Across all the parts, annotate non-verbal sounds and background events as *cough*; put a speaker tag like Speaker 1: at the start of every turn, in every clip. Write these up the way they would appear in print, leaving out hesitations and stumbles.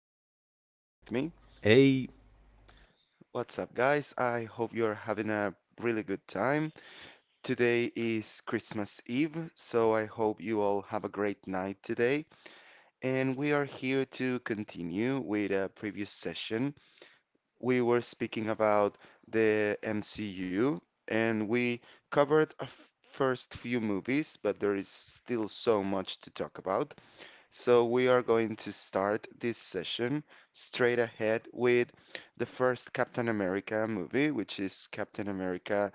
Speaker 1: Fartheim, here with me. What's up, guys? I hope you're having a really good time. Today is Christmas Eve, so I hope you all have a great night today. And we are here to continue with a previous session. We were speaking about the MCU, and we covered First few movies, but there is still so much to talk about. So we are going to start this session straight ahead with the first Captain America movie, which is Captain America: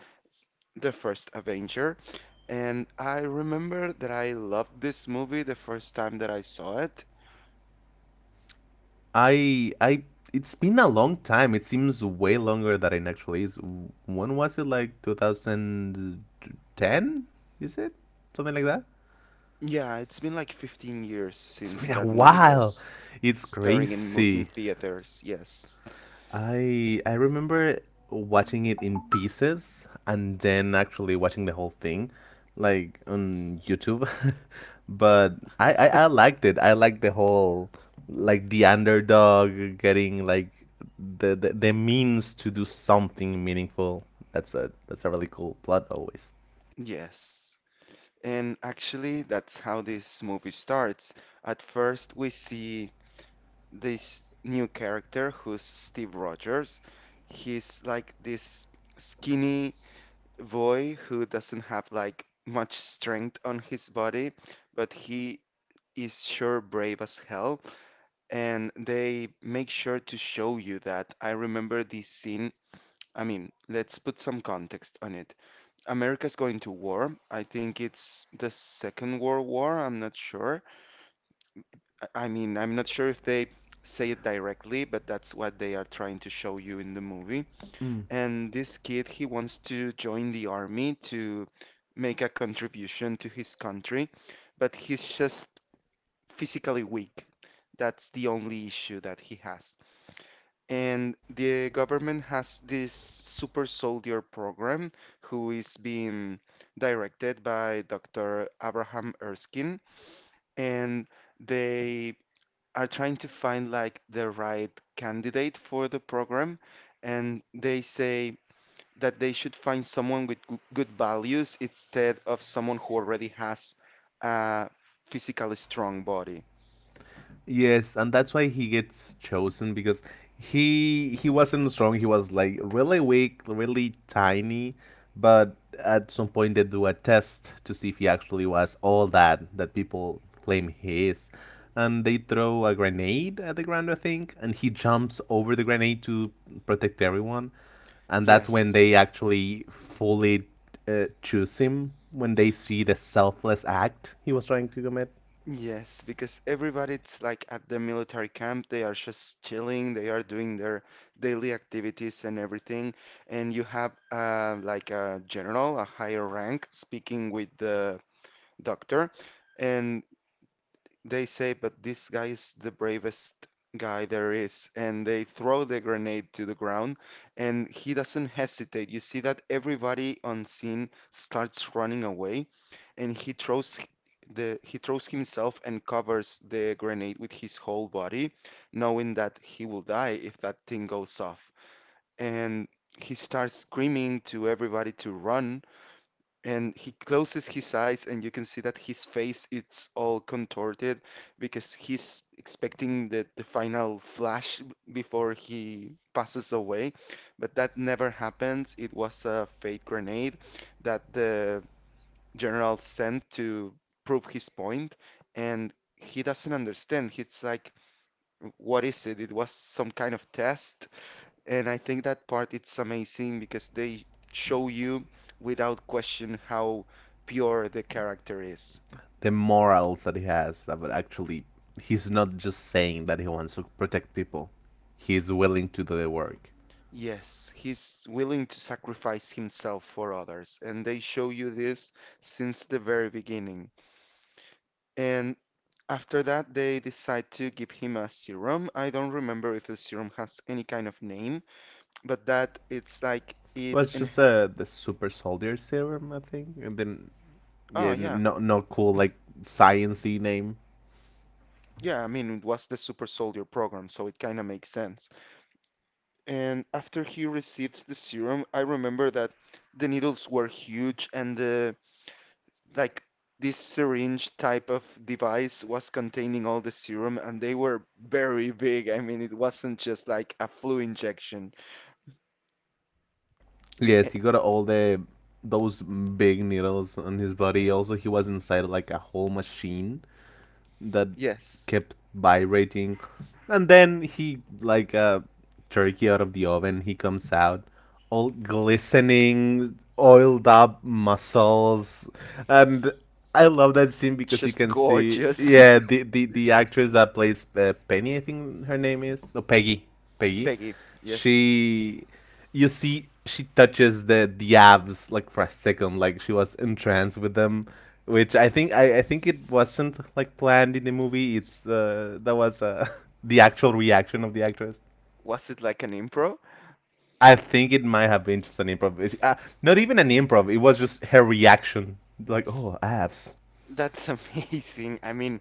Speaker 1: The First Avenger. And I remember that I loved this movie the first time that I saw it. Yeah, it's been like 15 years since that movie was starring in in theaters. Yes. Yes. And actually, that's how this movie starts. At first, we see this new character who's Steve Rogers. He's like this skinny boy who doesn't have like much strength on his body, but he is sure brave as hell. And they make sure to show you that. I remember this scene. I mean, let's put some context on it. America's going to war. I think it's the Second World War, I'm not sure. I mean, I'm not sure if they say it directly, but that's what they are trying to show you in the movie. And this kid, he wants to join the army to make a contribution to his country, but he's just physically weak. That's the only issue that he has. And the government has this super soldier program who is being directed by Dr. Abraham Erskine, and they are trying to find like the right candidate for the program, and they say that they should find someone with good values instead of someone who already has a physically strong body. Yes, yes, because everybody's like at the military camp, they are just chilling, they are doing their daily activities and everything, and you have like a general, a higher rank, speaking with the doctor, and they say, but this guy is the bravest guy there is. And they throw the grenade to the ground and he doesn't hesitate. You see that everybody on scene starts running away and he throws himself and covers the grenade with his whole body, knowing that he will die if that thing goes off. And he starts screaming to everybody to run and he closes his eyes and you can see that his face it's all contorted because he's expecting the final flash before he passes away, but that never happens. It was a fake grenade that the general sent to prove his point. And he doesn't understand. He's like, what is it? It was some kind of test. And I think that part it's amazing because they show you without question how pure the character is. Yes, he's willing to sacrifice himself for others, and they show you this since the very beginning. And after that, they decide to give him a serum. I don't remember if the serum has any kind of name, but that it's like it and oh yeah, *laughs* yeah, I mean it was the super soldier program, so it kind of makes sense. And after he receives the serum, I remember that the needles were huge and the like this syringe type of device was containing all the serum and they were very big. I mean, it wasn't just like a flu injection. Eh, Yes, just gorgeous. *laughs* Peggy, yes. Was it like an impro? That's *laughs* amazing. I mean,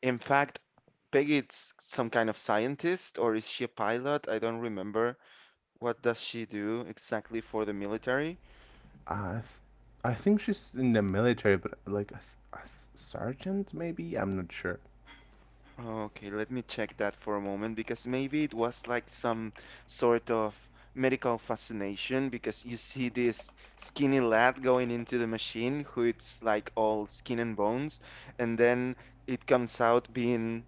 Speaker 1: in fact, Peggy is some kind of scientist or is she a pilot? I don't remember. What does she do exactly for the military? Okay, let me check that for a moment because maybe it was like some sort of medical fascination because you see this skinny lad going into the machine who it's like all skin and bones, and then it comes out being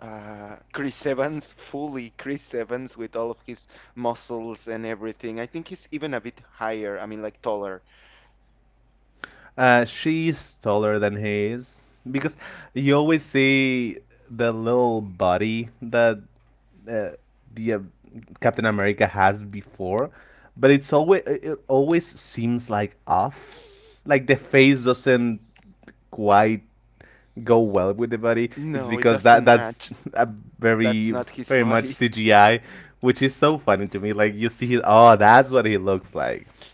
Speaker 1: Chris Evans, fully Chris Evans with all of his muscles and everything. I think he's even a bit higher, I mean, like taller. No, it doesn't match. That's not his *laughs* body.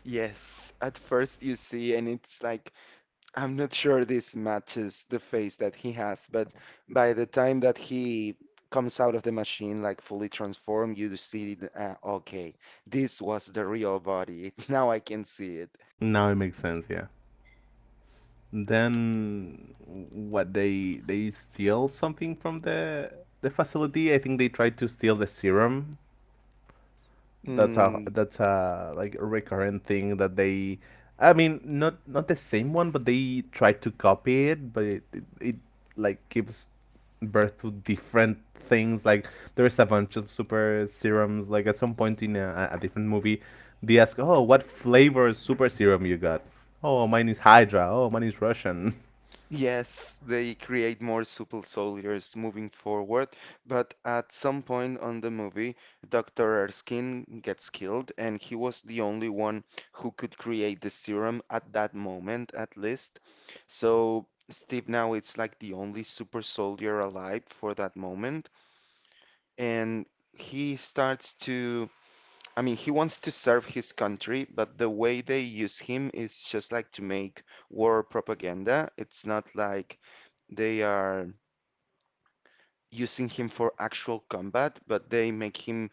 Speaker 1: Yes, at first you see, and it's like, I'm not sure this matches the face that he has, but by the time that he comes out of the machine, like fully transformed, you see, okay, this was the real body. *laughs* Now I can see it. Mm, yes, they create more supple soldiers moving forward, but at some point on the movie, Dr. Erskine gets killed, and he was the only one who could create the serum at that moment, at least. So Steve now it's like the only super soldier alive for that moment, and he starts to, I mean, he wants to serve his country, but the way they use him is just like to make war propaganda. It's not like they are using him for actual combat, but they make him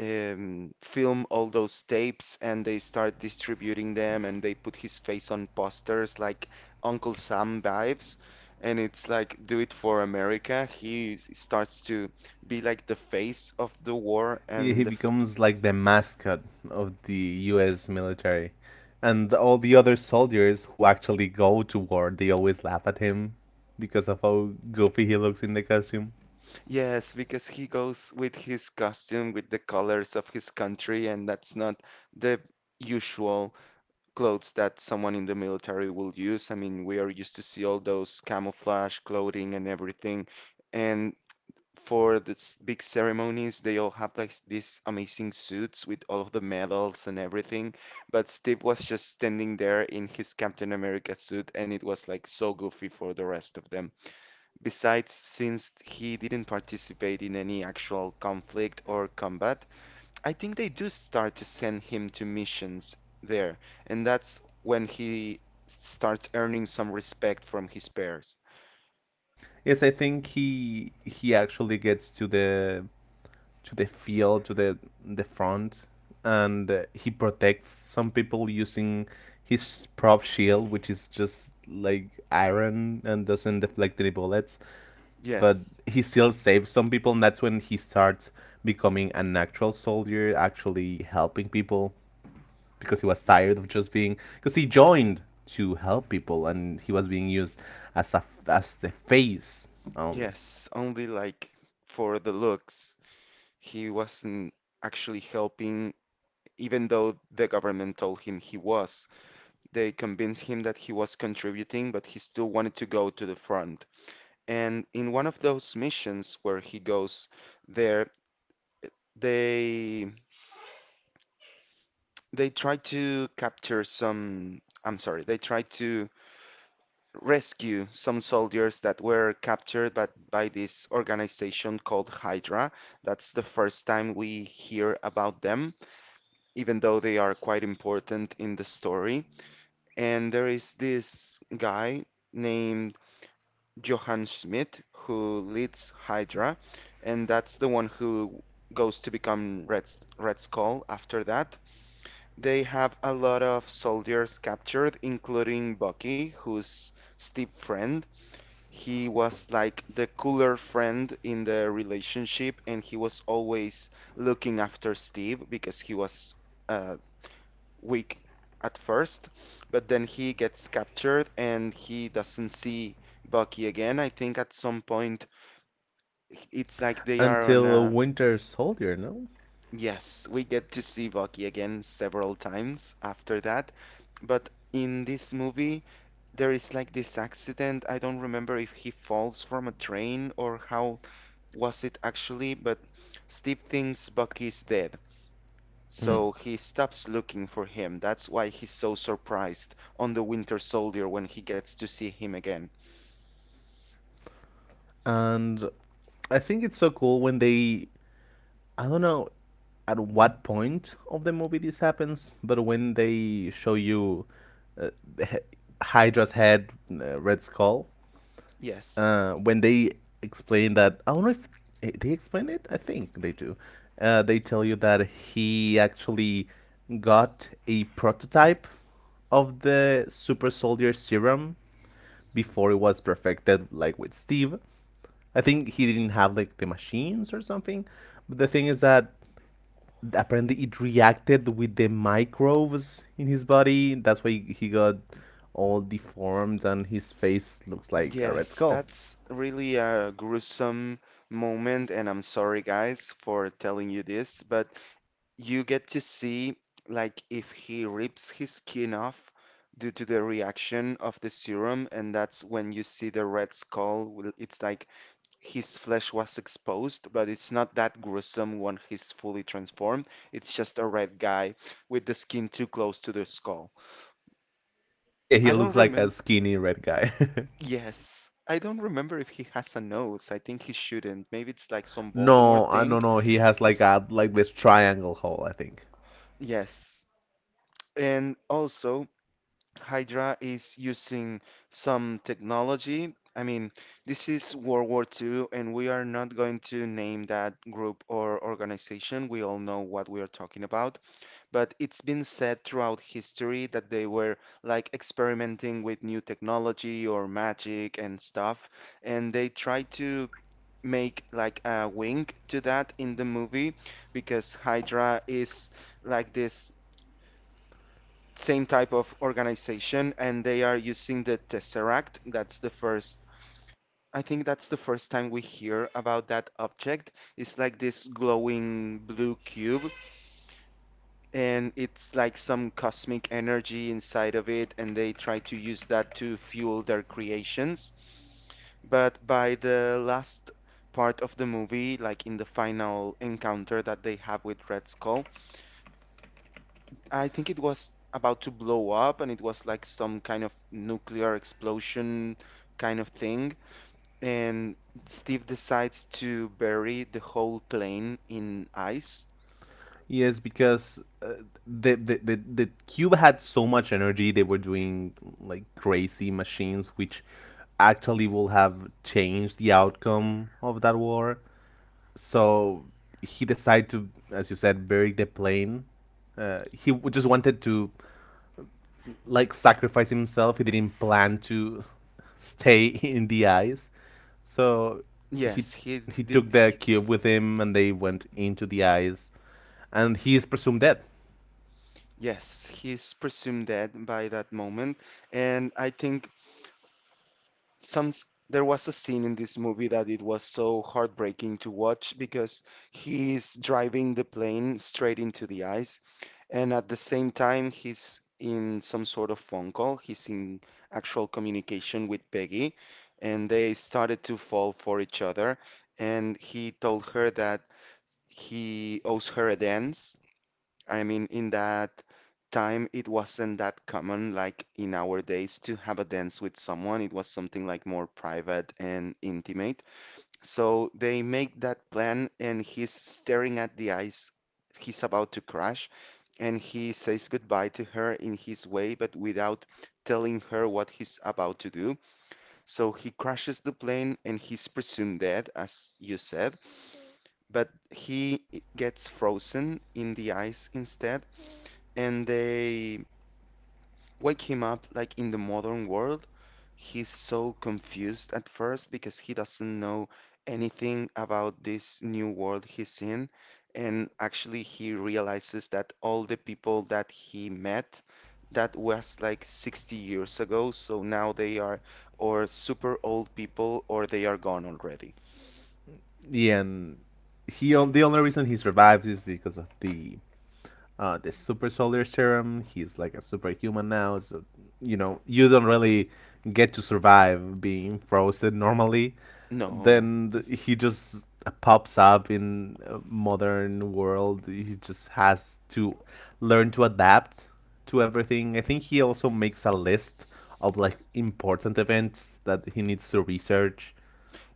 Speaker 1: film all those tapes and they start distributing them and they put his face on posters like Uncle Sam vibes. And it's like, do it for America. He starts to be like the face of the war and the. F yes, because he goes with his costume, with the colors of his country, and that's not the usual clothes that someone in the military will use. I mean, we are used to see all those camouflage clothing and everything. And for the big ceremonies, they all have like these amazing suits with all of the medals and everything. But Steve was just standing there in his Captain America suit, and it was like so goofy for the rest of them. Besides, since he didn't participate in any actual conflict or combat, I think they do start to send him to missions there, and that's when he starts earning some respect from his peers. Yes, yes, only like for the looks. He wasn't actually helping, even though the government told him he was. They convinced him that he was contributing, but he still wanted to go to the front. And in one of those missions where he goes there, they try to capture some, I'm sorry, they try to rescue some soldiers that were captured by, this organization called Hydra. That's the first time we hear about them, even though they are quite important in the story. And there is this guy named Johann Schmidt who leads Hydra, and that's the one who goes to become Red Skull after that. They have a lot of soldiers captured, including Bucky, who's Steve's friend. He was like the cooler friend in the relationship, and he was always looking after Steve because he was uh, weak at first. But then he gets captured and he doesn't see Bucky again. I think at some point it's like they are on a. Yes, we get to see Bucky again several times after that. But in this movie, there is like this accident. I don't remember if he falls from a train or how was it actually, but Steve thinks Bucky is dead. So he stops looking for him. That's why he's so surprised on the Winter Soldier when he gets to see him again. Yes. Yes, that's really a gruesome moment, and I'm sorry, guys, for telling you this, but you get to see like if he rips his skin off due to the reaction of the serum, and that's when you see the red skull. Well, it's like his flesh was exposed, but it's not that gruesome when he's fully transformed. It's just a red guy with the skin too close to the skull. I don't remember. Yes. I don't remember if he has a nose. I think he shouldn't. Maybe it's like some Voldemort thing. Yes. And also, Hydra is using some technology. I mean, this is World War II, and we are not going to name that group or organization. We all know what we are talking about. But it's been said throughout history that they were like experimenting with new technology or magic and stuff. And they tried to make like a wink to that in the movie because Hydra is like this same type of organization and they are using the tesseract. That's the first, I think that's the first time we hear about that object. It's like this glowing blue cube and it's like some cosmic energy inside of it and they try to use that to fuel their creations. But by the last part of the movie, like in the final encounter that they have with Red Skull, I think it was about to blow up, and it was like some kind of nuclear explosion kind of thing. And Steve decides to bury the whole plane in ice. Yes, he did. He, yes, he's presumed dead by that moment. And I think there was a scene in this movie that it was so heartbreaking to watch because he's driving the plane straight into the ice. And at the same time, he's in some sort of phone call. He's in actual communication with Peggy, and they started to fall for each other. And he told her that he owes her a dance. I mean, in that time, it wasn't that common, like in our days, to have a dance with someone. It was something like more private and intimate. So they make that plan, and he's staring at the ice. He's about to crash, and he says goodbye to her in his way, but without telling her what he's about to do. So he crashes the plane, and he's presumed dead, as you said, but he gets frozen in the ice instead, and they wake him up like in the modern world. He's so confused at first because he doesn't know anything about this new world he's in, and actually he realizes that all the people that he met, that was like 60 years ago, so now they are or super old people or they are gone already. No.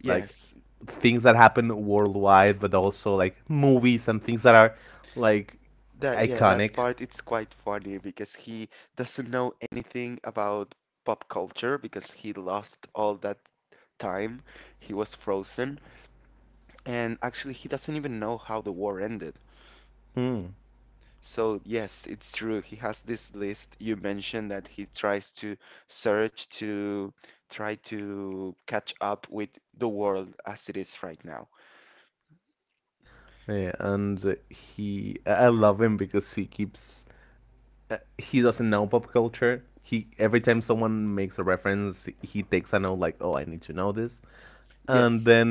Speaker 1: Yes. That, yeah, that part it's quite funny because he doesn't know anything about pop culture because he lost all that time. He was frozen, and actually he doesn't even know how the war ended. So yes, it's true. He has this list you mentioned that he tries to search to try to catch up with the world as it is right now. Yes.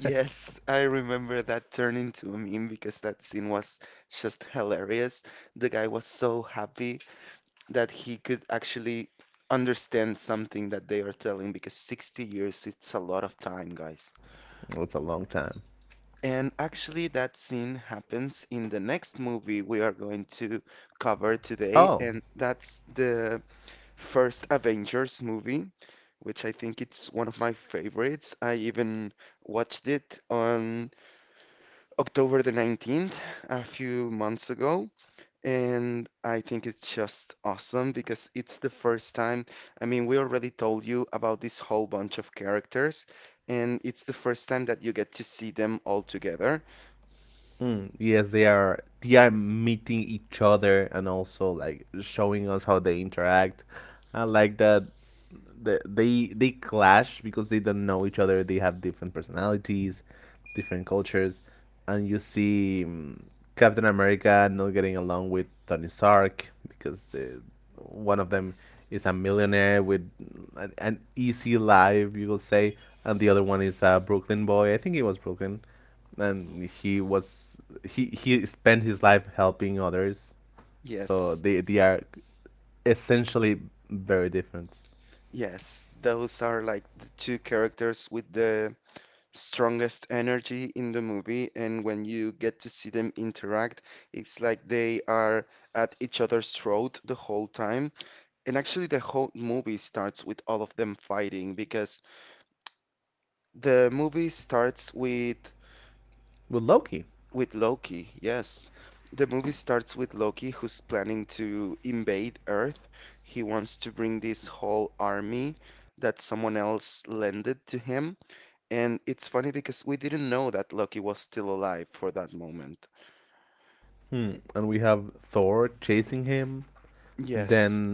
Speaker 1: Yes, I remember that turned into a meme because that scene was just hilarious. The guy was so happy that he could actually understand something that they are telling because 60 years, it's a lot of time, guys. And actually, that scene happens in the next movie we are going to cover today, and that's the first Avengers movie, which I think it's one of my favorites. I even watched it on October the 19th, a few months ago, and I think it's just awesome because it's the first time. I mean, we already told you about this whole bunch of characters, and it's the first time that you get to see them all together. Yes, yes, those are like the two characters with the strongest energy in the movie, and when you get to see them interact, it's like they are at each other's throat the whole time. And actually, the whole movie starts with all of them fighting because the movie starts with Loki. Yes, the movie starts with Loki, who's planning to invade Earth. He wants to bring this whole army that someone else lended to him. And it's funny because we didn't know that Loki was still alive for that moment. Yes.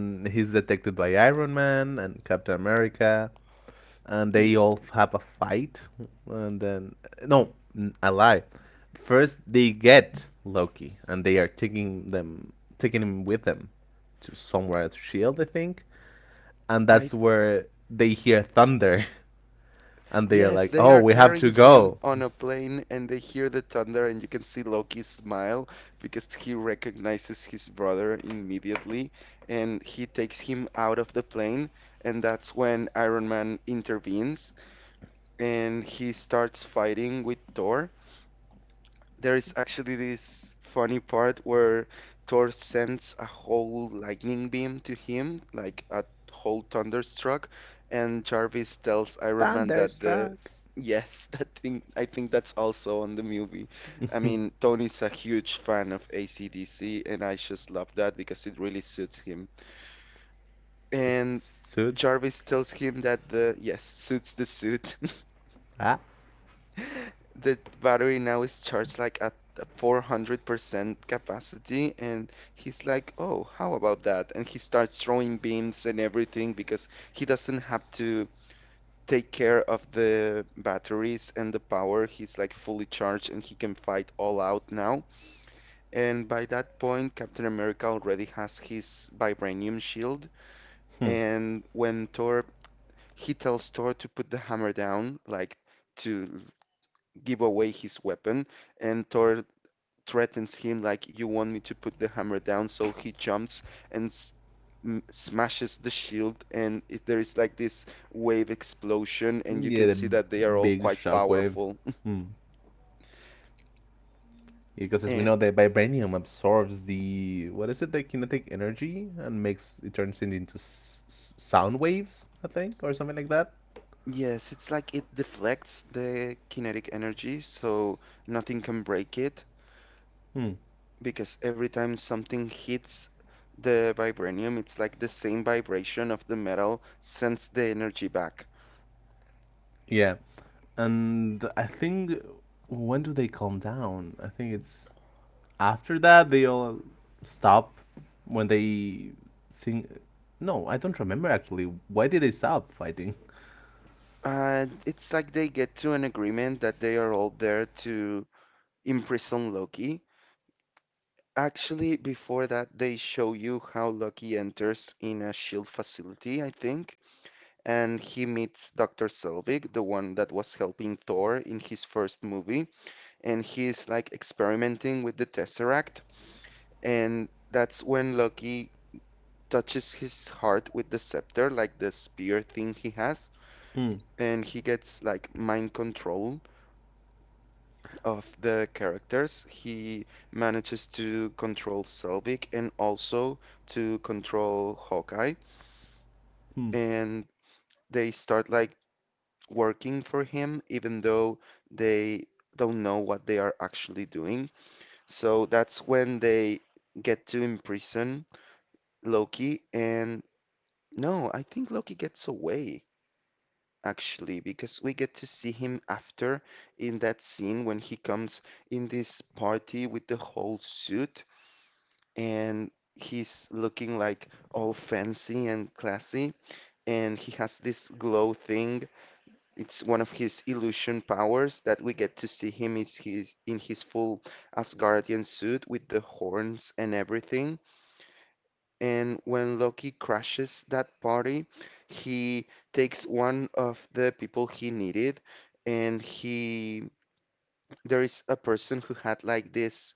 Speaker 1: Ye- I Yes, they are carrying him on a plane and they hear the thunder and you can see Loki smile because he recognizes his brother immediately, and he takes him out of the plane, and that's when Iron Man intervenes and he starts fighting with Thor. There is actually this funny part where Thor sends a whole lightning beam to him, like a whole thunderstruck, and Jarvis tells Iron Man that *laughs* that thing I think that's also on the movie. I mean, Tony's a huge fan of ACDC, and I just love that because it really suits him. And Jarvis tells him that the yes suits the suit. *laughs* The battery now is charged like at 400% capacity, and he's like, "Oh, how about that?" And he starts throwing beams and everything because he doesn't have to take care of the batteries and the power. He's like fully charged and he can fight all out now. And by that point, Captain America already has his vibranium shield. And he tells Thor to put the hammer down, like to give away his weapon, and Thor threatens him like, "You want me to put the hammer down?" So he jumps and s m smashes the shield, and there is like this wave explosion, and you can see that they are all quite powerful. *laughs* And yes, it's like it deflects the kinetic energy, so nothing can break it because every time something hits the vibranium, it's like the same vibration of the metal sends the energy back. It's like they get to an agreement that they are all there to imprison Loki. Actually, before that, they show you how Loki enters in a shield facility, I think, and he meets Dr. Selvig, the one that was helping Thor in his first movie, and he's like experimenting with the Tesseract, and that's when Loki touches his heart with the scepter, like the spear thing he has, and he gets like mind control of the characters. He manages to control Selvig and also to control Hawkeye. And they start like working for him, even though they don't know what they are actually doing. So that's when they get to imprison Loki. And no, I think Loki gets away. Actually, because we get to see him after in that scene when he comes in this party with the whole suit and he's looking like all fancy and classy. And he has this glow thing. It's one of his illusion powers that we get to see him is in his full Asgardian suit with the horns and everything. And when Loki crashes that party, he takes one of the people he needed. And there is a person who had like this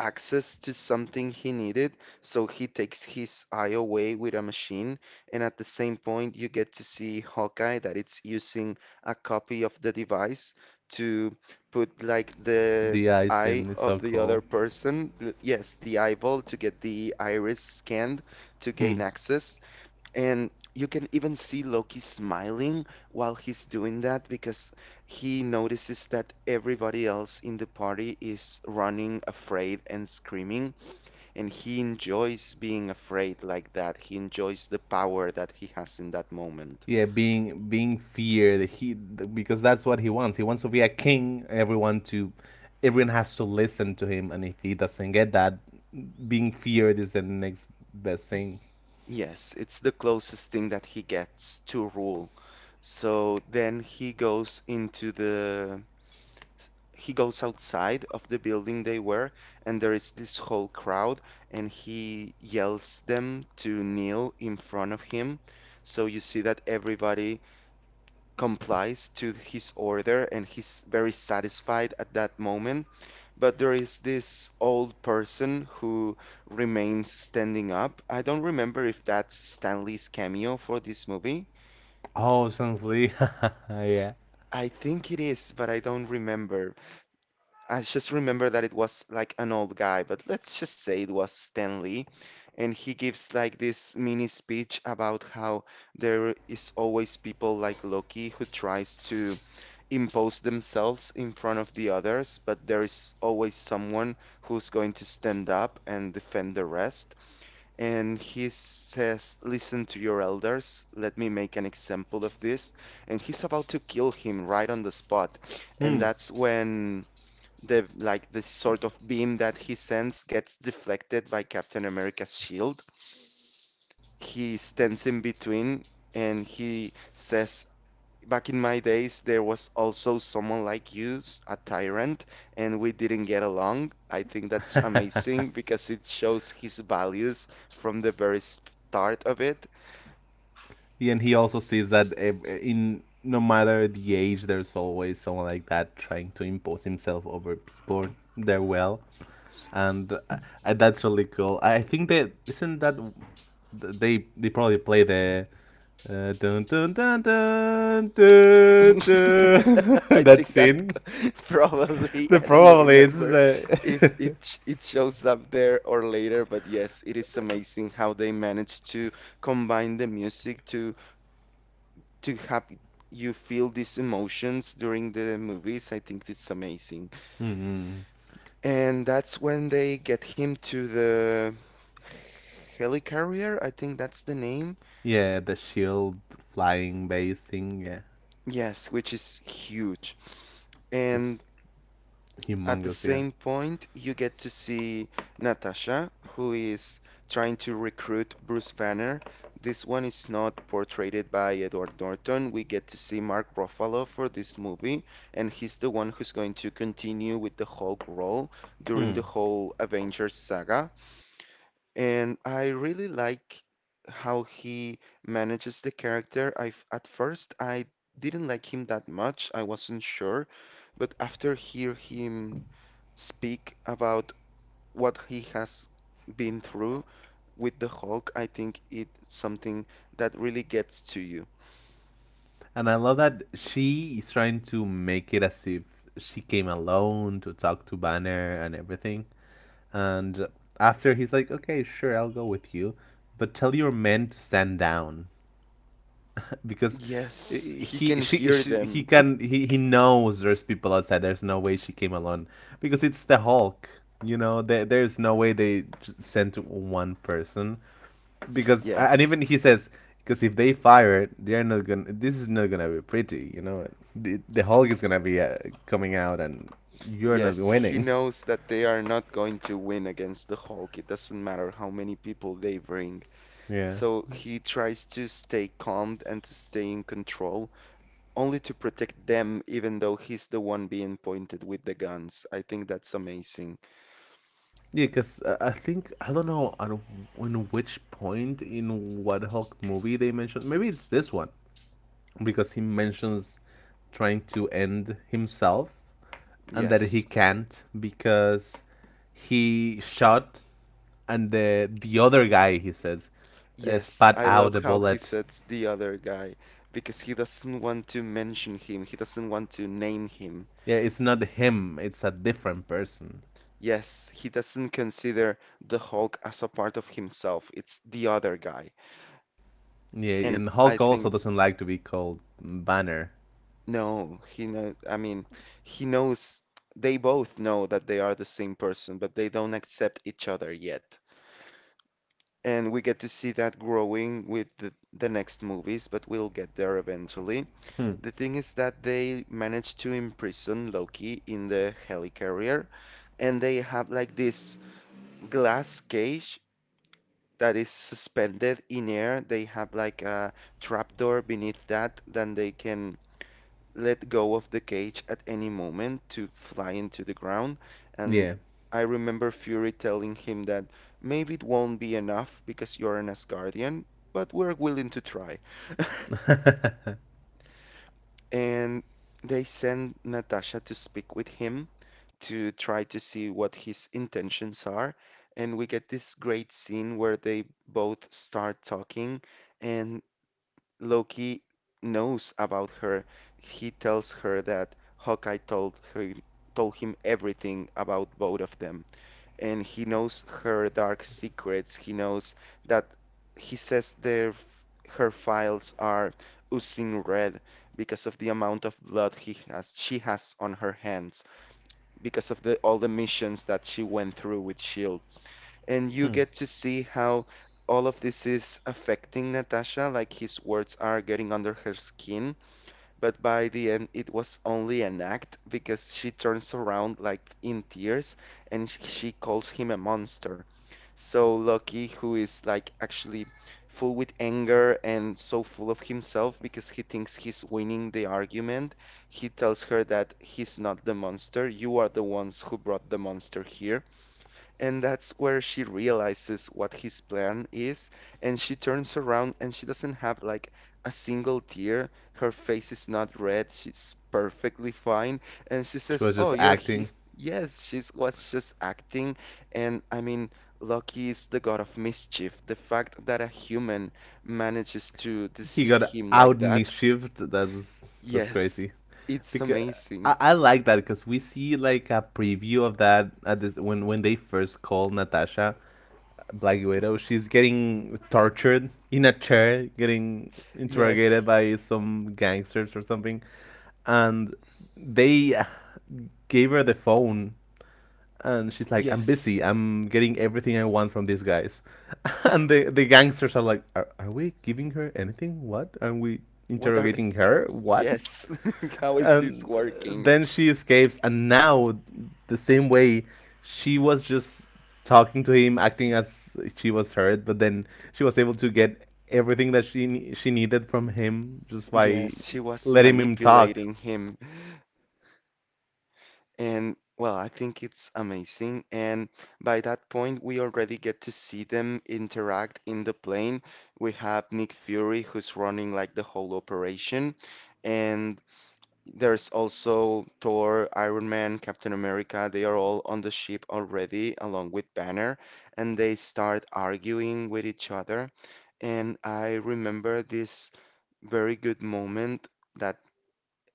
Speaker 1: access to something he needed, so he takes his eye away with a machine, and at the same point you get to see Hawkeye that it's using a copy of the device to put like the
Speaker 2: The
Speaker 1: eye
Speaker 2: icing is
Speaker 1: of
Speaker 2: so
Speaker 1: the other
Speaker 2: cool.
Speaker 1: person, yes, the eyeball to get the iris scanned to
Speaker 2: Hmm.
Speaker 1: gain access. And you can even see Loki smiling while he's doing that because he notices that everybody else in the party is running afraid and screaming, and he enjoys being afraid like that. He enjoys the power that he has in that moment.
Speaker 2: Yeah, being feared. He because that's what he wants. He wants to be a king. Everyone has to listen to him. And if he doesn't get that, being feared is the next best thing.
Speaker 1: Yes, it's the closest thing that he gets to rule. So then he goes outside of the building they were, and there is this whole crowd, and he yells them to kneel in front of him. So you see that everybody complies to his order, and he's very satisfied at that moment. But there is this old person who remains standing up. I don't remember if that's Stanley's cameo for this movie.
Speaker 2: Oh, sounds Lee. *laughs* Yeah.
Speaker 1: I think it is, but I don't remember. I just remember that it was like an old guy, but let's just say it was Stan Lee. And he gives like this mini speech about how there is always people like Loki who tries to impose themselves in front of the others, but there is always someone who's going to stand up and defend the rest. And he says, "Listen to your elders, let me make an example of this." And he's about to kill him right on the spot. And
Speaker 2: Hmm.
Speaker 1: that's when the like this sort of beam that he sends gets deflected by Captain America's shield. He stands in between and he says, "Back in my days, there was also someone like you, a tyrant, and we didn't get along." I think that's amazing because it shows his values from the very start of it.
Speaker 2: Yeah, and he also sees that in no matter the age, there's always someone like that trying to impose himself over people. Their will. And That's really cool. I think that isn't that they probably play the dun, dun, dun, dun, dun,
Speaker 1: *laughs*
Speaker 2: dun, *laughs*
Speaker 1: I
Speaker 2: that
Speaker 1: think that
Speaker 2: scene.
Speaker 1: *laughs* probably
Speaker 2: The
Speaker 1: I don't
Speaker 2: probably it's
Speaker 1: remember if
Speaker 2: the *laughs*
Speaker 1: it shows up there or later, but yes, it is amazing how they manage to combine the music to have you feel these emotions during the movies. I think it's amazing.
Speaker 2: mm-hmm.
Speaker 1: And that's when they get him to the helicarrier, I think that's the name.
Speaker 2: Yeah, the shield flying base thing. Yeah,
Speaker 1: Yes, which is huge.
Speaker 2: it's
Speaker 1: And at the
Speaker 2: humongous. Yeah,
Speaker 1: same point, you get to see Natasha, who is trying to recruit Bruce Banner. This one is not portrayed by Edward Norton. We get to see Mark Ruffalo for this movie, and he's the one who's going to continue with the Hulk role during the whole Avengers saga. And I really like how he manages the character. At first I didn't like him that much. I wasn't sure, but after hear him speak about what he has been through with the Hulk, I think it's something that really gets to you.
Speaker 2: and I love that she is trying to make it as if she came alone to talk to Banner and everything. And after he's like, okay, sure, I'll go with you, but tell your men to stand down *laughs* because
Speaker 1: Yes, he
Speaker 2: he
Speaker 1: can hear
Speaker 2: she he
Speaker 1: them. *laughs*
Speaker 2: can he knows there's people outside. There's no way she came alone because it's the hulk, you know, there's no way they sent one person because and even
Speaker 1: Yes.
Speaker 2: he says, because if they fire they're not gonna, this is not gonna be pretty, you know, the hulk is gonna be coming out and you're not
Speaker 1: Yes, he
Speaker 2: winning.
Speaker 1: knows that they are not going to win against the Hulk. It doesn't matter how many people they bring.
Speaker 2: *laughs* Yeah.
Speaker 1: So he tries to stay calm and to stay in control, only to protect them, even though he's the one being pointed with the guns. I think that's amazing.
Speaker 2: Yeah, because I think I don't know on in which point in what Hulk movie they mentioned. Maybe it's this one because he mentions trying to end himself and that he
Speaker 1: Yes.
Speaker 2: can't because he shot and the other guy he says
Speaker 1: Yes,
Speaker 2: spat
Speaker 1: I love
Speaker 2: out a
Speaker 1: how he
Speaker 2: bullet.
Speaker 1: sets the other guy because he doesn't want to mention him. He doesn't want to name him.
Speaker 2: Yeah, it's not him. It's a different person.
Speaker 1: Yes, he doesn't consider the Hulk as a part of himself. It's the other guy.
Speaker 2: Yeah,
Speaker 1: And
Speaker 2: and
Speaker 1: I
Speaker 2: Hulk also
Speaker 1: think
Speaker 2: doesn't like to be called Banner.
Speaker 1: No, he know. I mean, he knows. They both know that they are the same person, but they don't accept each other yet. And we get to see that growing with the next movies, but we'll get there eventually. The thing is that they manage to imprison Loki in the helicarrier, and they have like this glass cage that is suspended in air. They have like a trapdoor beneath that, then they can let go of the cage at any moment to fly into the ground. And
Speaker 2: Yeah,
Speaker 1: I remember Fury telling him that maybe it won't be enough because you're an Asgardian, but we're willing to try. *laughs* And they send Natasha to speak with him to try to see what his intentions are. And we get this great scene where they both start talking, and Loki knows about her. He tells her that Hawkeye told him everything about both of them, and he knows her dark secrets. He knows that he says her files are oozing red because of the amount of blood he has she has on her hands, because of the all the missions that she went through with Shield, and you
Speaker 2: hmm.
Speaker 1: get to see how all of this is affecting Natasha, like his words are getting under her skin. But by the end, it was only an act because she turns around like in tears and she calls him a monster. So Loki, who is like actually full with anger and so full of himself because he thinks he's winning the argument, he tells her that he's not the monster. You are the ones who brought the monster here, and that's where she realizes what his plan is, and she turns around and she doesn't have like a single tear. Her face is not red. She's perfectly fine. And she
Speaker 2: She
Speaker 1: says,
Speaker 2: was
Speaker 1: "Oh,
Speaker 2: just
Speaker 1: you're here."
Speaker 2: acting.
Speaker 1: *laughs* Yes, she was just acting. And I mean, Loki is the god of mischief. The fact that a human manages to
Speaker 2: He
Speaker 1: deceive
Speaker 2: got
Speaker 1: him like
Speaker 2: out
Speaker 1: that,
Speaker 2: misshift. That's
Speaker 1: yes,
Speaker 2: crazy.
Speaker 1: it's
Speaker 2: Because
Speaker 1: amazing.
Speaker 2: I like that because we see like a preview of that at this when they first call Natasha Black Widow. She's getting tortured in a chair, getting interrogated
Speaker 1: Yes,
Speaker 2: by some gangsters or something, and they gave her the phone and she's like, "I'm
Speaker 1: yes.
Speaker 2: busy. I'm getting everything I want from these guys." *laughs* And the gangsters are like, "Are we giving her anything? What? Are we
Speaker 1: What are
Speaker 2: interrogating her? What?"
Speaker 1: Yes, *laughs*
Speaker 2: *laughs*
Speaker 1: how is this
Speaker 2: And
Speaker 1: working?
Speaker 2: then she escapes, and now the same way she was just talking to him, acting as she was hurt, but then she was able to get everything that she needed from him just by
Speaker 1: Yes, she was
Speaker 2: letting him talk.
Speaker 1: manipulating him. And well, I think it's amazing. And by that point, we already get to see them interact in the plane. We have Nick Fury, who's running like the whole operation. And there's also Thor, Iron Man, Captain America. They are all on the ship already, along with Banner. And they start arguing with each other. And I remember this very good moment that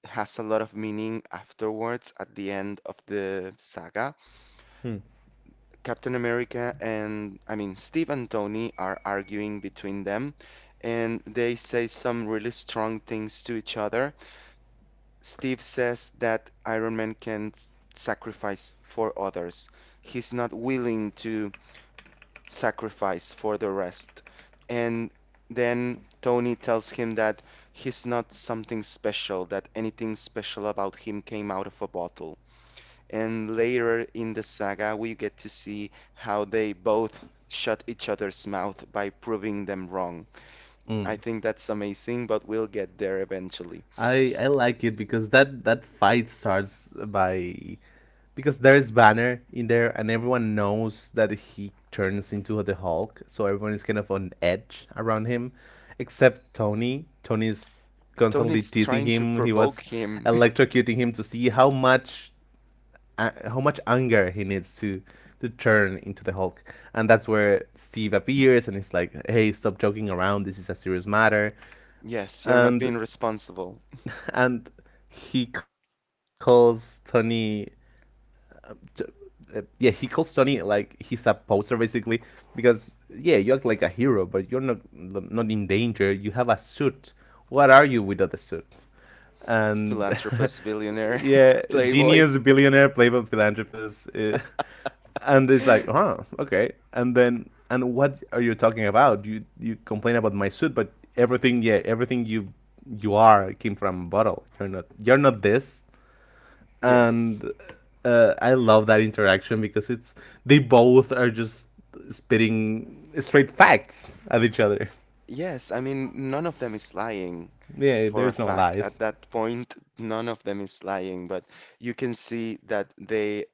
Speaker 1: has a lot of meaning afterwards at the end of the saga.
Speaker 2: Hmm.
Speaker 1: Captain America and, I mean, Steve and Tony are arguing between them, and they say some really strong things to each other. Steve says that Iron Man can't sacrifice for others. He's not willing to sacrifice for the rest. And then Tony tells him that he's not something special, that anything special about him came out of a bottle. And later in the saga, we get to see how they both shut each other's mouth by proving them wrong. I
Speaker 2: Mm.
Speaker 1: think that's amazing, but we'll get there eventually.
Speaker 2: I like it because that fight starts by because there is Banner in there and everyone knows that he turns into the Hulk, so everyone is kind of on edge around him, except Tony. Tony is constantly
Speaker 1: Tony's
Speaker 2: teasing
Speaker 1: trying to
Speaker 2: him. He
Speaker 1: provoke
Speaker 2: was
Speaker 1: him. *laughs*
Speaker 2: electrocuting him to see how much anger he needs to turn into the Hulk. And that's where Steve appears and he's like, "Hey, stop joking around. This is a serious matter."
Speaker 1: Yes, you're not
Speaker 2: And
Speaker 1: being responsible.
Speaker 2: and he calls Tony. Yeah, he calls Tony like he's a poser basically because yeah, you act like a hero, but you're not in danger. You have a suit. What are you without a suit? And *laughs*
Speaker 1: Philanthropist, billionaire,
Speaker 2: yeah,
Speaker 1: *laughs* playboy.
Speaker 2: genius billionaire, playboy philanthropist. And it's like, huh, okay. And then, and what are you talking about? You complain about my suit, but everything, yeah, everything you are came from a bottle. You're not this.
Speaker 1: Yes.
Speaker 2: And I love that interaction because it's they both are just spitting straight facts at each other.
Speaker 1: Yes, I mean, none of them is lying
Speaker 2: Yeah,
Speaker 1: for a
Speaker 2: there's no
Speaker 1: fact.
Speaker 2: lies.
Speaker 1: At that point, none of them is lying, but you can see that they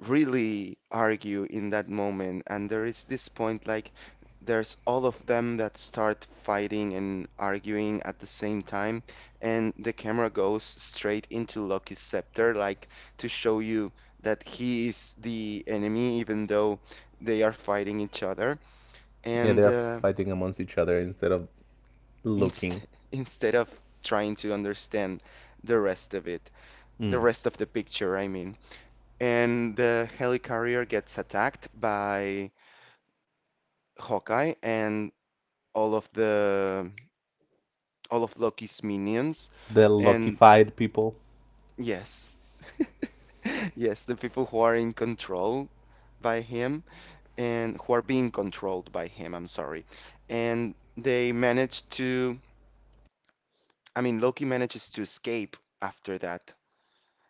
Speaker 1: really argue in that moment. And there is this point like there's all of them that start fighting and arguing at the same time, and the camera goes straight into Loki's scepter, like to show you that he is the enemy, even though they are fighting each other.
Speaker 2: Yeah,
Speaker 1: And
Speaker 2: they're fighting amongst each other instead of
Speaker 1: inst
Speaker 2: looking.
Speaker 1: *laughs* instead of trying to understand the rest of it, the
Speaker 2: Mm.
Speaker 1: rest of the picture, I mean. And the helicarrier gets attacked by Hawkeye and all of the all of Loki's minions.
Speaker 2: The
Speaker 1: And
Speaker 2: luckified people.
Speaker 1: yes, *laughs* yes, the people who are in control by him and who are being controlled by him, I'm sorry. And they manage to, I mean, Loki manages to escape after that.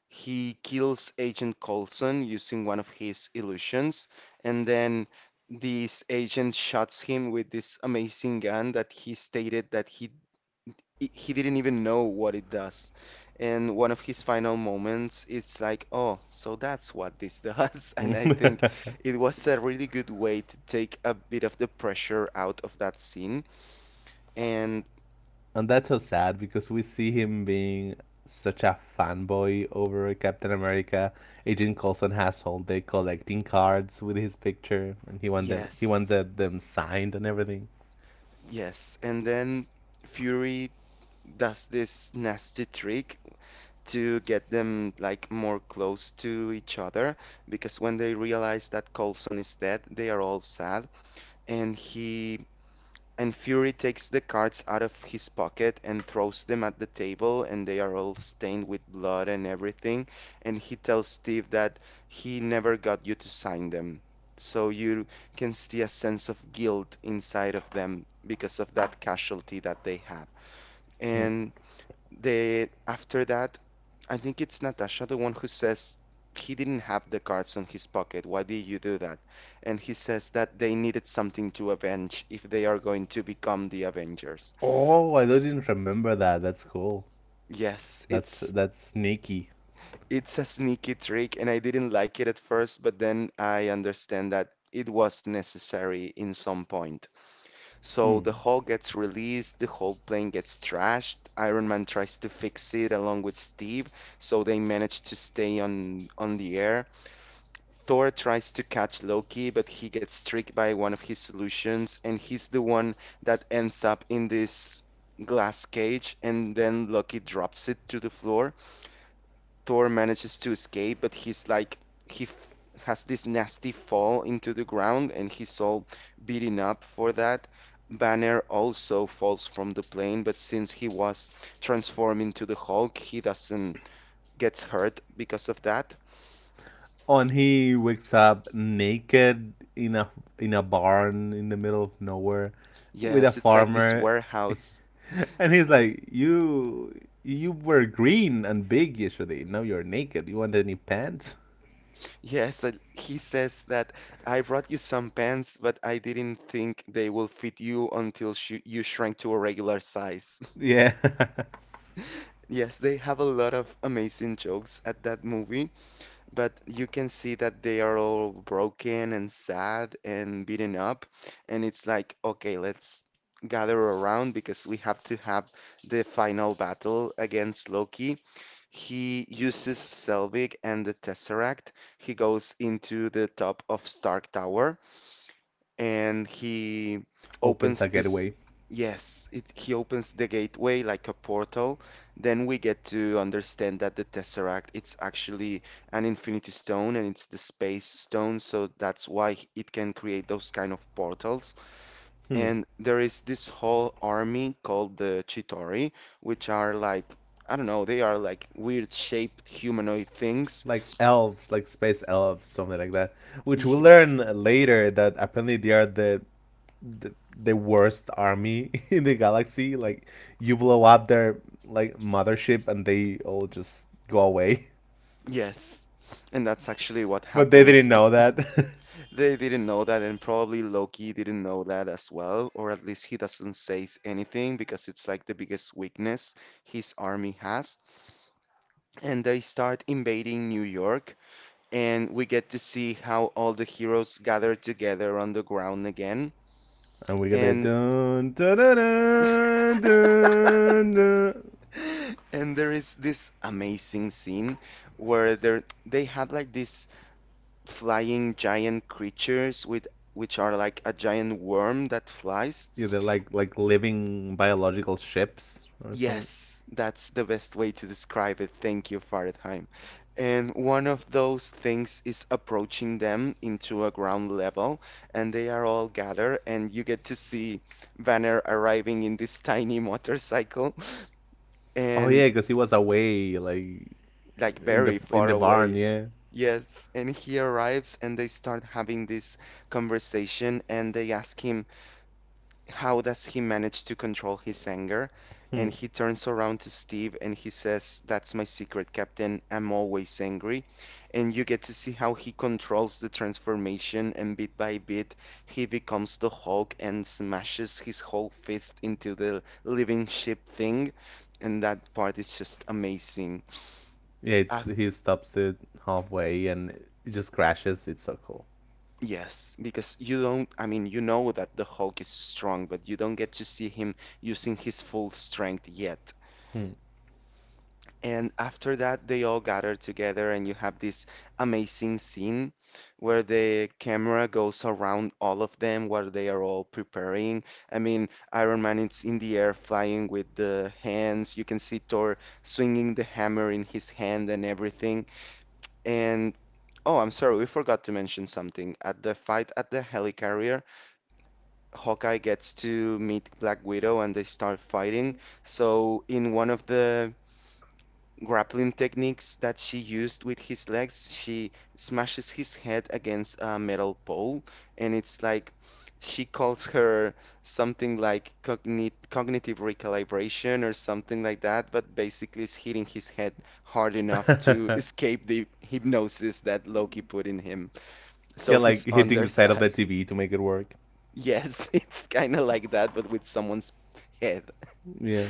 Speaker 1: He kills Agent Coulson using one of his illusions, and then this agent shoots him with this amazing gun that he stated that he didn't even know what it does. And one of his final moments, it's like, oh, so that's what this does. *laughs* And I think
Speaker 2: *laughs*
Speaker 1: it was a really good way to take a bit of the pressure out of that scene. And
Speaker 2: And that's so sad because we see him being such a fanboy over Captain America. Agent Coulson has all day collecting cards with his picture, and he
Speaker 1: yes,
Speaker 2: wants them signed and everything.
Speaker 1: yes. And then Fury does this nasty trick to get them like more close to each other because when they realize that Coulson is dead, they are all sad and he and Fury takes the cards out of his pocket and throws them at the table and they are all stained with blood and everything, and he tells Steve that he never got you to sign them. So you can see a sense of guilt inside of them because of that casualty that they have.
Speaker 2: Mm.
Speaker 1: And they after that, I think it's Natasha, the one who says he didn't have the cards in his pocket. Why did you do that? And he says that they needed something to avenge if they are going to become the Avengers.
Speaker 2: Oh, I didn't remember that. That's cool.
Speaker 1: Yes,
Speaker 2: That's that's sneaky.
Speaker 1: it's a sneaky trick, and I didn't like it at first, but then I understand that it was necessary in some point. So the
Speaker 2: Mm.
Speaker 1: Hulk gets released, the whole plane gets trashed. Iron Man tries to fix it along with Steve, so they manage to stay on the air. Thor tries to catch Loki, but he gets tricked by one of his solutions, and he's the one that ends up in this glass cage. And then Loki drops it to the floor. Thor manages to escape, but he's like, he f- has this nasty fall into the ground, and he's all beaten up for that. Banner also falls from the plane, but since he was transformed into the Hulk, he doesn't gets hurt because of that.
Speaker 2: Oh, and he wakes up naked in a barn in the middle of nowhere with a
Speaker 1: Yes, it's like this
Speaker 2: farmer.
Speaker 1: warehouse.
Speaker 2: And he's like, You were green and big yesterday. Now you're naked. You want any pants?"
Speaker 1: Yes, and he says that I brought you some pants, but I didn't think they will fit you until sh you shrank to a regular size. *laughs*
Speaker 2: Yeah.
Speaker 1: Yes, they have a lot of amazing jokes at that movie, but you can see that they are all broken and sad and beaten up. And it's like, okay, let's gather around because we have to have the final battle against Loki. He uses Selvig and the Tesseract. He goes into the top of Stark Tower and he
Speaker 2: *laughs* Opens
Speaker 1: opens
Speaker 2: a
Speaker 1: this,
Speaker 2: getaway.
Speaker 1: yes, it he opens the gateway like a portal. Then we get to understand that the Tesseract it's actually an infinity stone and it's the space stone, so that's why it can create those kind of portals.
Speaker 2: Hmm.
Speaker 1: And there is this whole army called the Chitauri, which are like, I don't know, they are like weird shaped humanoid things.
Speaker 2: Like elves, like space elves, something like that.
Speaker 1: *laughs*
Speaker 2: Which we learn
Speaker 1: Yes.
Speaker 2: later that apparently they are the, the worst army *laughs* in the galaxy. Like you blow up their like mothership and they all just go away. *laughs*
Speaker 1: Yes, and that's actually what
Speaker 2: But they didn't
Speaker 1: happens.
Speaker 2: know that.
Speaker 1: They didn't know that, and probably Loki didn't know that as well, or at least he doesn't say anything because it's like the biggest weakness his army has. And they start invading New York, and we get to see how all the heroes gather together on the ground again.
Speaker 2: *laughs* And we get the
Speaker 1: And
Speaker 2: dun dun dun dun dun. Dun.
Speaker 1: *gasps* and there is this amazing scene where they have like these flying giant creatures with which are like a giant worm that flies.
Speaker 2: Yeah, they're like living biological ships or something.
Speaker 1: Yes, that's the best way to describe it. Thank you, Faradheim. And one of those things is approaching them into a ground level, and they are all gathered, and you get to see Banner arriving in this tiny motorcycle *laughs*
Speaker 2: Oh
Speaker 1: and
Speaker 2: yeah, because he was away, like
Speaker 1: like very
Speaker 2: in
Speaker 1: far
Speaker 2: the barn.
Speaker 1: away.
Speaker 2: Yeah,
Speaker 1: Yes, and he arrives, and they start having this conversation, and they ask him, how does he manage to control his anger? And he turns around to Steve and he says, That's my secret, Captain. I'm always angry. And you get to see how he controls the transformation, and bit by bit, he becomes the Hulk and smashes his whole fist into the living ship thing. And that part is just amazing.
Speaker 2: yeah.
Speaker 1: Uh,
Speaker 2: It's he stops it halfway and it just crashes. It's so cool.
Speaker 1: yes, because you don't, I mean, you know that the Hulk is strong, but you don't get to see him using his full strength yet.
Speaker 2: Hmm.
Speaker 1: And after that, they all gather together, and you have this amazing scene where the camera goes around all of them while they are all preparing. I mean, Iron Man is in the air flying with the hands. You can see Thor swinging the hammer in his hand and everything. And oh, I'm sorry, we forgot to mention something. At the fight at the helicarrier, Hawkeye gets to meet Black Widow and they start fighting. So, in one of the grappling techniques that she used with his legs. She smashes his head against a metal pole, and it's like she calls her something like cognitive recalibration or something like that, but basically it's hitting his head hard enough to escape the hypnosis that Loki put in him.
Speaker 2: *laughs* Yeah,
Speaker 1: So his
Speaker 2: like hitting the side of
Speaker 1: underside.
Speaker 2: the
Speaker 1: *laughs*
Speaker 2: TV to make it work.
Speaker 1: Yes, it's kind of like that, but with someone's head.
Speaker 2: Yeah.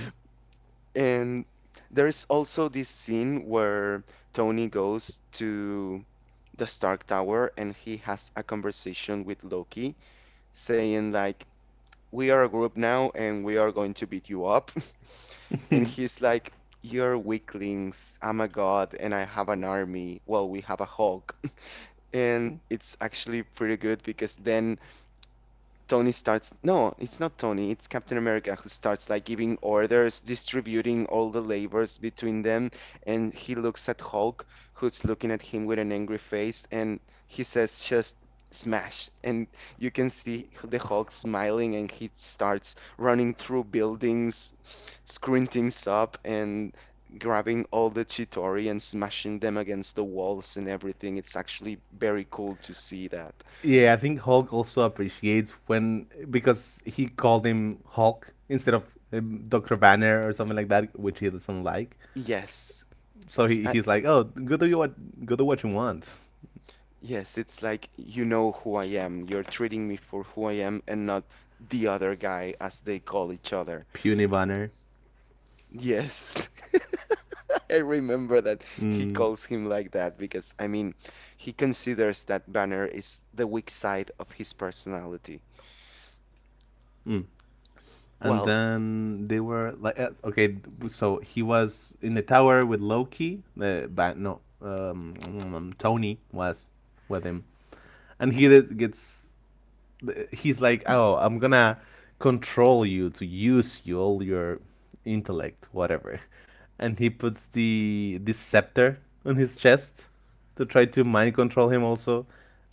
Speaker 1: And there's also this scene where Tony goes to the Stark Tower and he has a conversation with Loki, saying like, "We are a group now and we are going to beat you up." *laughs* And
Speaker 2: *laughs*
Speaker 1: he's like, "You're weaklings. I'm a god and I have an army. Well, we have a Hulk." *laughs* And it's actually pretty good because then Tony starts. No, it's not Tony. It's Captain America who starts like giving orders, distributing all the labors between them. And he looks at Hulk, who's looking at him with an angry face, and he says, just smash. And you can see the Hulk smiling, and he starts running through buildings, screwing things up, and grabbing all the Chitauri and smashing them against the walls and everything. It's actually very cool to see that.
Speaker 2: Yeah, I think Hulk also appreciates when because he called him Hulk instead of Doctor Banner or something like that, which he doesn't like.
Speaker 1: Yes,
Speaker 2: So
Speaker 1: he, I,
Speaker 2: he's like, "Oh, go do what you want."
Speaker 1: yes, it's like you know who I am. You're treating me for who I am and not the other guy, as they call each other.
Speaker 2: Puny banner.
Speaker 1: Yes, *laughs* I remember that he
Speaker 2: Mm,
Speaker 1: calls him like that because, I mean, he considers that Banner is the weak side of his personality.
Speaker 2: mm. And
Speaker 1: Well, s-
Speaker 2: then they were like, okay, so he was in the tower with Loki. The ban no, *tsk* Tony was with him, and gets he's like, oh, I'm gonna control you to use you all your intellect, whatever. And he puts the scepter on his chest to try to mind control him also.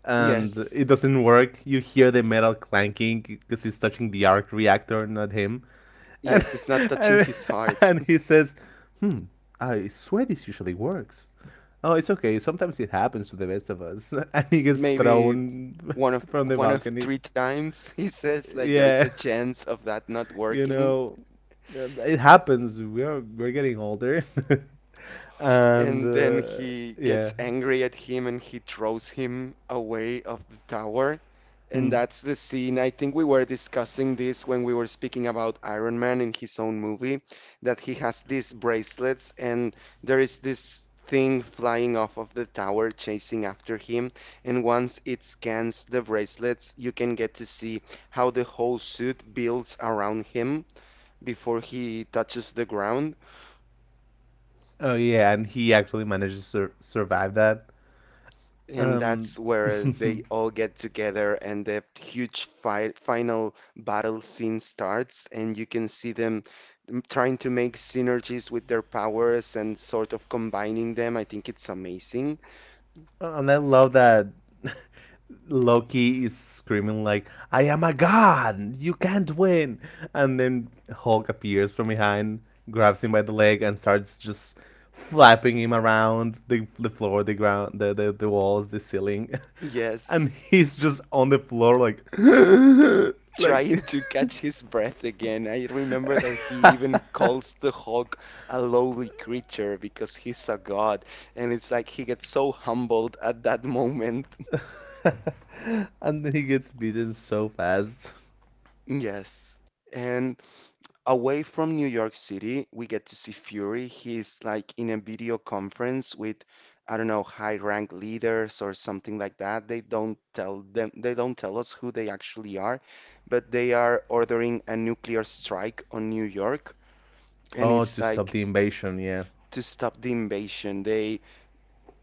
Speaker 2: And it
Speaker 1: yes,
Speaker 2: doesn't work. You hear the metal clanking because he's touching the arc reactor, not him. And
Speaker 1: yes, it's not
Speaker 2: *laughs*
Speaker 1: touching
Speaker 2: and,
Speaker 1: his heart.
Speaker 2: and he says, "Hmm, I swear this usually works." Oh, it's okay. Sometimes it happens to the best of us. *laughs* And he
Speaker 1: *laughs*
Speaker 2: gets
Speaker 1: Maybe
Speaker 2: thrown
Speaker 1: one
Speaker 2: *laughs*
Speaker 1: of
Speaker 2: from the
Speaker 1: one of
Speaker 2: balcony
Speaker 1: three times *laughs* he says like there is
Speaker 2: yeah,
Speaker 1: a chance of that not
Speaker 2: *laughs* you
Speaker 1: working.
Speaker 2: know, it happens. We are we're getting older, *laughs* and
Speaker 1: And then he
Speaker 2: yeah.
Speaker 1: gets angry at him and he throws him away of the tower. And
Speaker 2: Hmm.
Speaker 1: that's the scene. I think we were discussing this when we were speaking about Iron Man in his own movie, that he has these bracelets and there is this thing flying off of the tower chasing after him. And once it scans the bracelets, you can get to see how the whole suit builds around him before he touches the ground.
Speaker 2: Oh yeah, and he actually managed to survive that.
Speaker 1: And
Speaker 2: Um,
Speaker 1: that's where
Speaker 2: *laughs*
Speaker 1: they
Speaker 2: and
Speaker 1: all get together and the huge fight, final battle scene starts, and you can see them trying to make synergies with their powers and sort of combining them. I think it's amazing.
Speaker 2: I love that Loki is screaming like, "I am a god! You can't win!" And then Hulk appears from behind, grabs him by the leg, and starts just flapping him around the floor, the ground, the walls, the ceiling, *laughs* and
Speaker 1: Yes,
Speaker 2: he's just on the floor like, *laughs*
Speaker 1: *laughs*
Speaker 2: like,
Speaker 1: trying to catch his breath again. I remember that he even calls the Hulk a lowly creature because he's a god, and it's like he gets so humbled at that *laughs* moment.
Speaker 2: *laughs* and then he gets beaten so fast.
Speaker 1: Yes. And away from New York City, we get to see Fury. He's like in a video conference with, I don't know, high rank leaders or something like that. They don't tell them, they don't tell us who they actually are, but they are ordering a nuclear strike on New York, and
Speaker 2: Oh,
Speaker 1: it's
Speaker 2: to stop
Speaker 1: like
Speaker 2: the invasion, yeah.
Speaker 1: to stop the invasion. They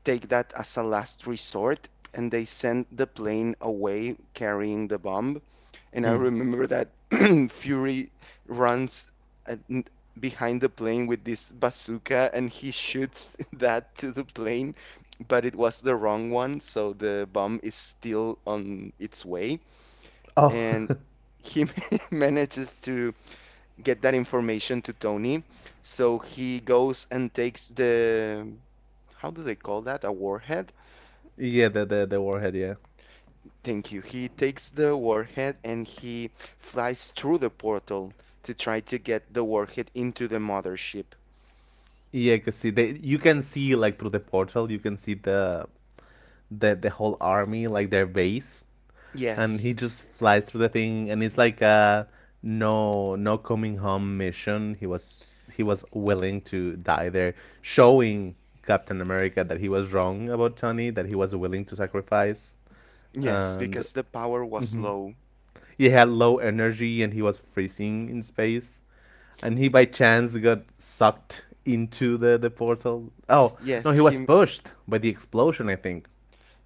Speaker 1: take that as a last resort, and they sent the plane away carrying the bomb. And I remember that *clears throat* Fury runs uh, n- behind the plane with this bazooka and he shoots *laughs* that to the plane, but it was the wrong one, so the bomb is still on its way.
Speaker 2: Oh,
Speaker 1: And he *laughs* manages to get that information to Tony, so he goes and takes the, how do they call that? A warhead?
Speaker 2: *laughs* yeah, the warhead, yeah.
Speaker 1: Thank you. He takes the warhead and he flies through the portal to try to get the warhead into the mothership.
Speaker 2: Yeah, cause see, they you can see like through the portal, you can see the whole army, like their base, and he
Speaker 1: Yes.
Speaker 2: just flies through the thing, and it's like a no no coming home mission. He was willing to die there, showing Captain America that he was wrong about Tony, that he was willing to sacrifice,
Speaker 1: Yes,
Speaker 2: and
Speaker 1: because the power was low.
Speaker 2: he had low energy and he was freezing in space and he by chance got sucked into the portal. Oh no,
Speaker 1: Yes,
Speaker 2: he was
Speaker 1: him.
Speaker 2: pushed by the explosion, I think.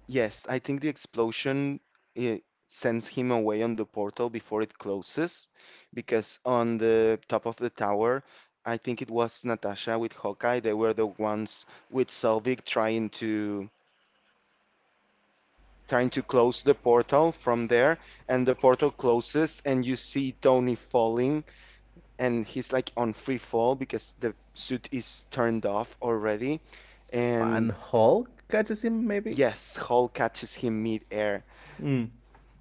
Speaker 1: Yes, I think the explosion eh, sends him away on the portal before it closes, because on the top of the tower, I think it was Natasha with Hawkeye. They were the ones with Selvig trying to trying to close the portal from there, and the portal closes, and you see Tony falling, and he's like on free fall because the suit is turned off already. And
Speaker 2: And Hulk catches him maybe.
Speaker 1: yes, Hall catches him mid-air,
Speaker 2: Mm.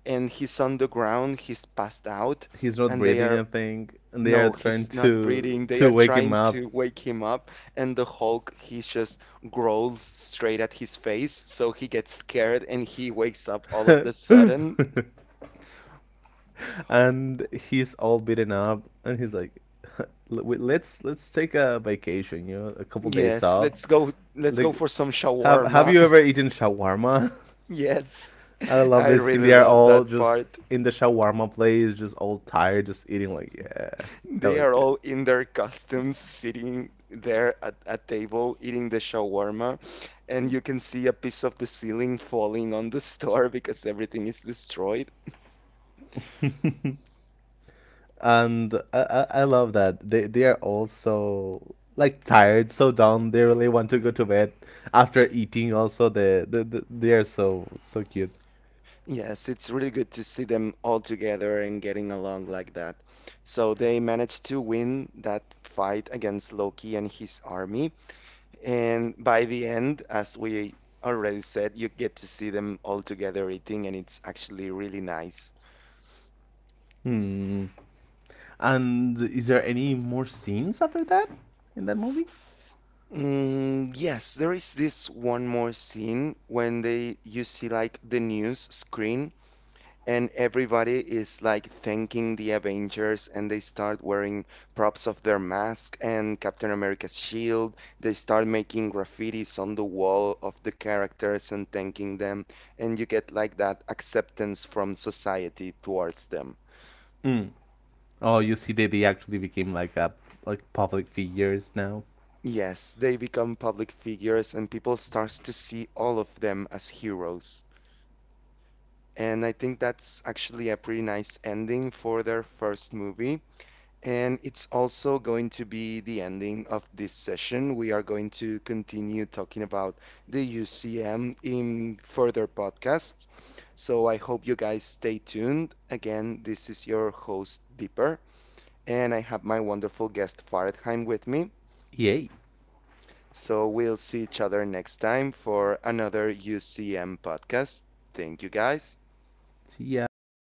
Speaker 1: and he's on the ground, he's passed out,
Speaker 2: He's not
Speaker 1: and they
Speaker 2: breathing,
Speaker 1: are
Speaker 2: I think, and they are
Speaker 1: no, he's
Speaker 2: trying
Speaker 1: not breathing. They
Speaker 2: to
Speaker 1: are
Speaker 2: wake him
Speaker 1: trying
Speaker 2: up.
Speaker 1: to wake him up, and the Hulk he just growls straight at his face, so he gets scared and he wakes up all of the sudden.
Speaker 2: *laughs* And he's all beaten up, and he's like, *laughs* "Let's take a vacation, you know, a couple days
Speaker 1: Yes,
Speaker 2: off.
Speaker 1: let's go
Speaker 2: Like,
Speaker 1: for some
Speaker 2: have
Speaker 1: shawarma.
Speaker 2: you ever
Speaker 1: *laughs*
Speaker 2: eaten shawarma?
Speaker 1: Yes.
Speaker 2: *laughs* I love
Speaker 1: I
Speaker 2: this scene. They
Speaker 1: really
Speaker 2: are
Speaker 1: love that
Speaker 2: all just
Speaker 1: part.
Speaker 2: in the shawarma place, just all tired, just eating. Like, yeah, that
Speaker 1: They
Speaker 2: was
Speaker 1: are
Speaker 2: good.
Speaker 1: all in their costumes sitting there at a table eating the shawarma and you can see a piece of the ceiling falling on the store *laughs* because everything is destroyed.
Speaker 2: And I love that they are all so like tired, so down, they really want to go to bed after eating also the they are so so cute.
Speaker 1: Yes, it's really good to see them all together and getting along like that. So they managed to win that fight against Loki and his army. And by the end, as we already said, you get to see them all together eating, and it's actually really nice.
Speaker 2: Hmm. And is there any more scenes after that in that movie?
Speaker 1: Mm, yes, there is this one more scene when they you see like the news screen. And everybody is like thanking the Avengers, and they start wearing props of their mask and Captain America's shield. They start making graffitis on the wall of the characters and thanking them, and you get like that acceptance from society towards them.
Speaker 2: Mm. Oh you see they actually became like a like public figures now.
Speaker 1: Yes, they become public figures, and people starts to see all of them as heroes. And I think that's actually a pretty nice ending for their first movie. And it's also going to be the ending of this session. We are going to continue talking about the UCM in further podcasts. So I hope you guys stay tuned. Again, this is your host, Deeper, and I have my wonderful guest, Faradheim, with me.
Speaker 2: Yay.
Speaker 1: So we'll see each other next time for another UCM podcast. Thank you, guys.
Speaker 2: See ya.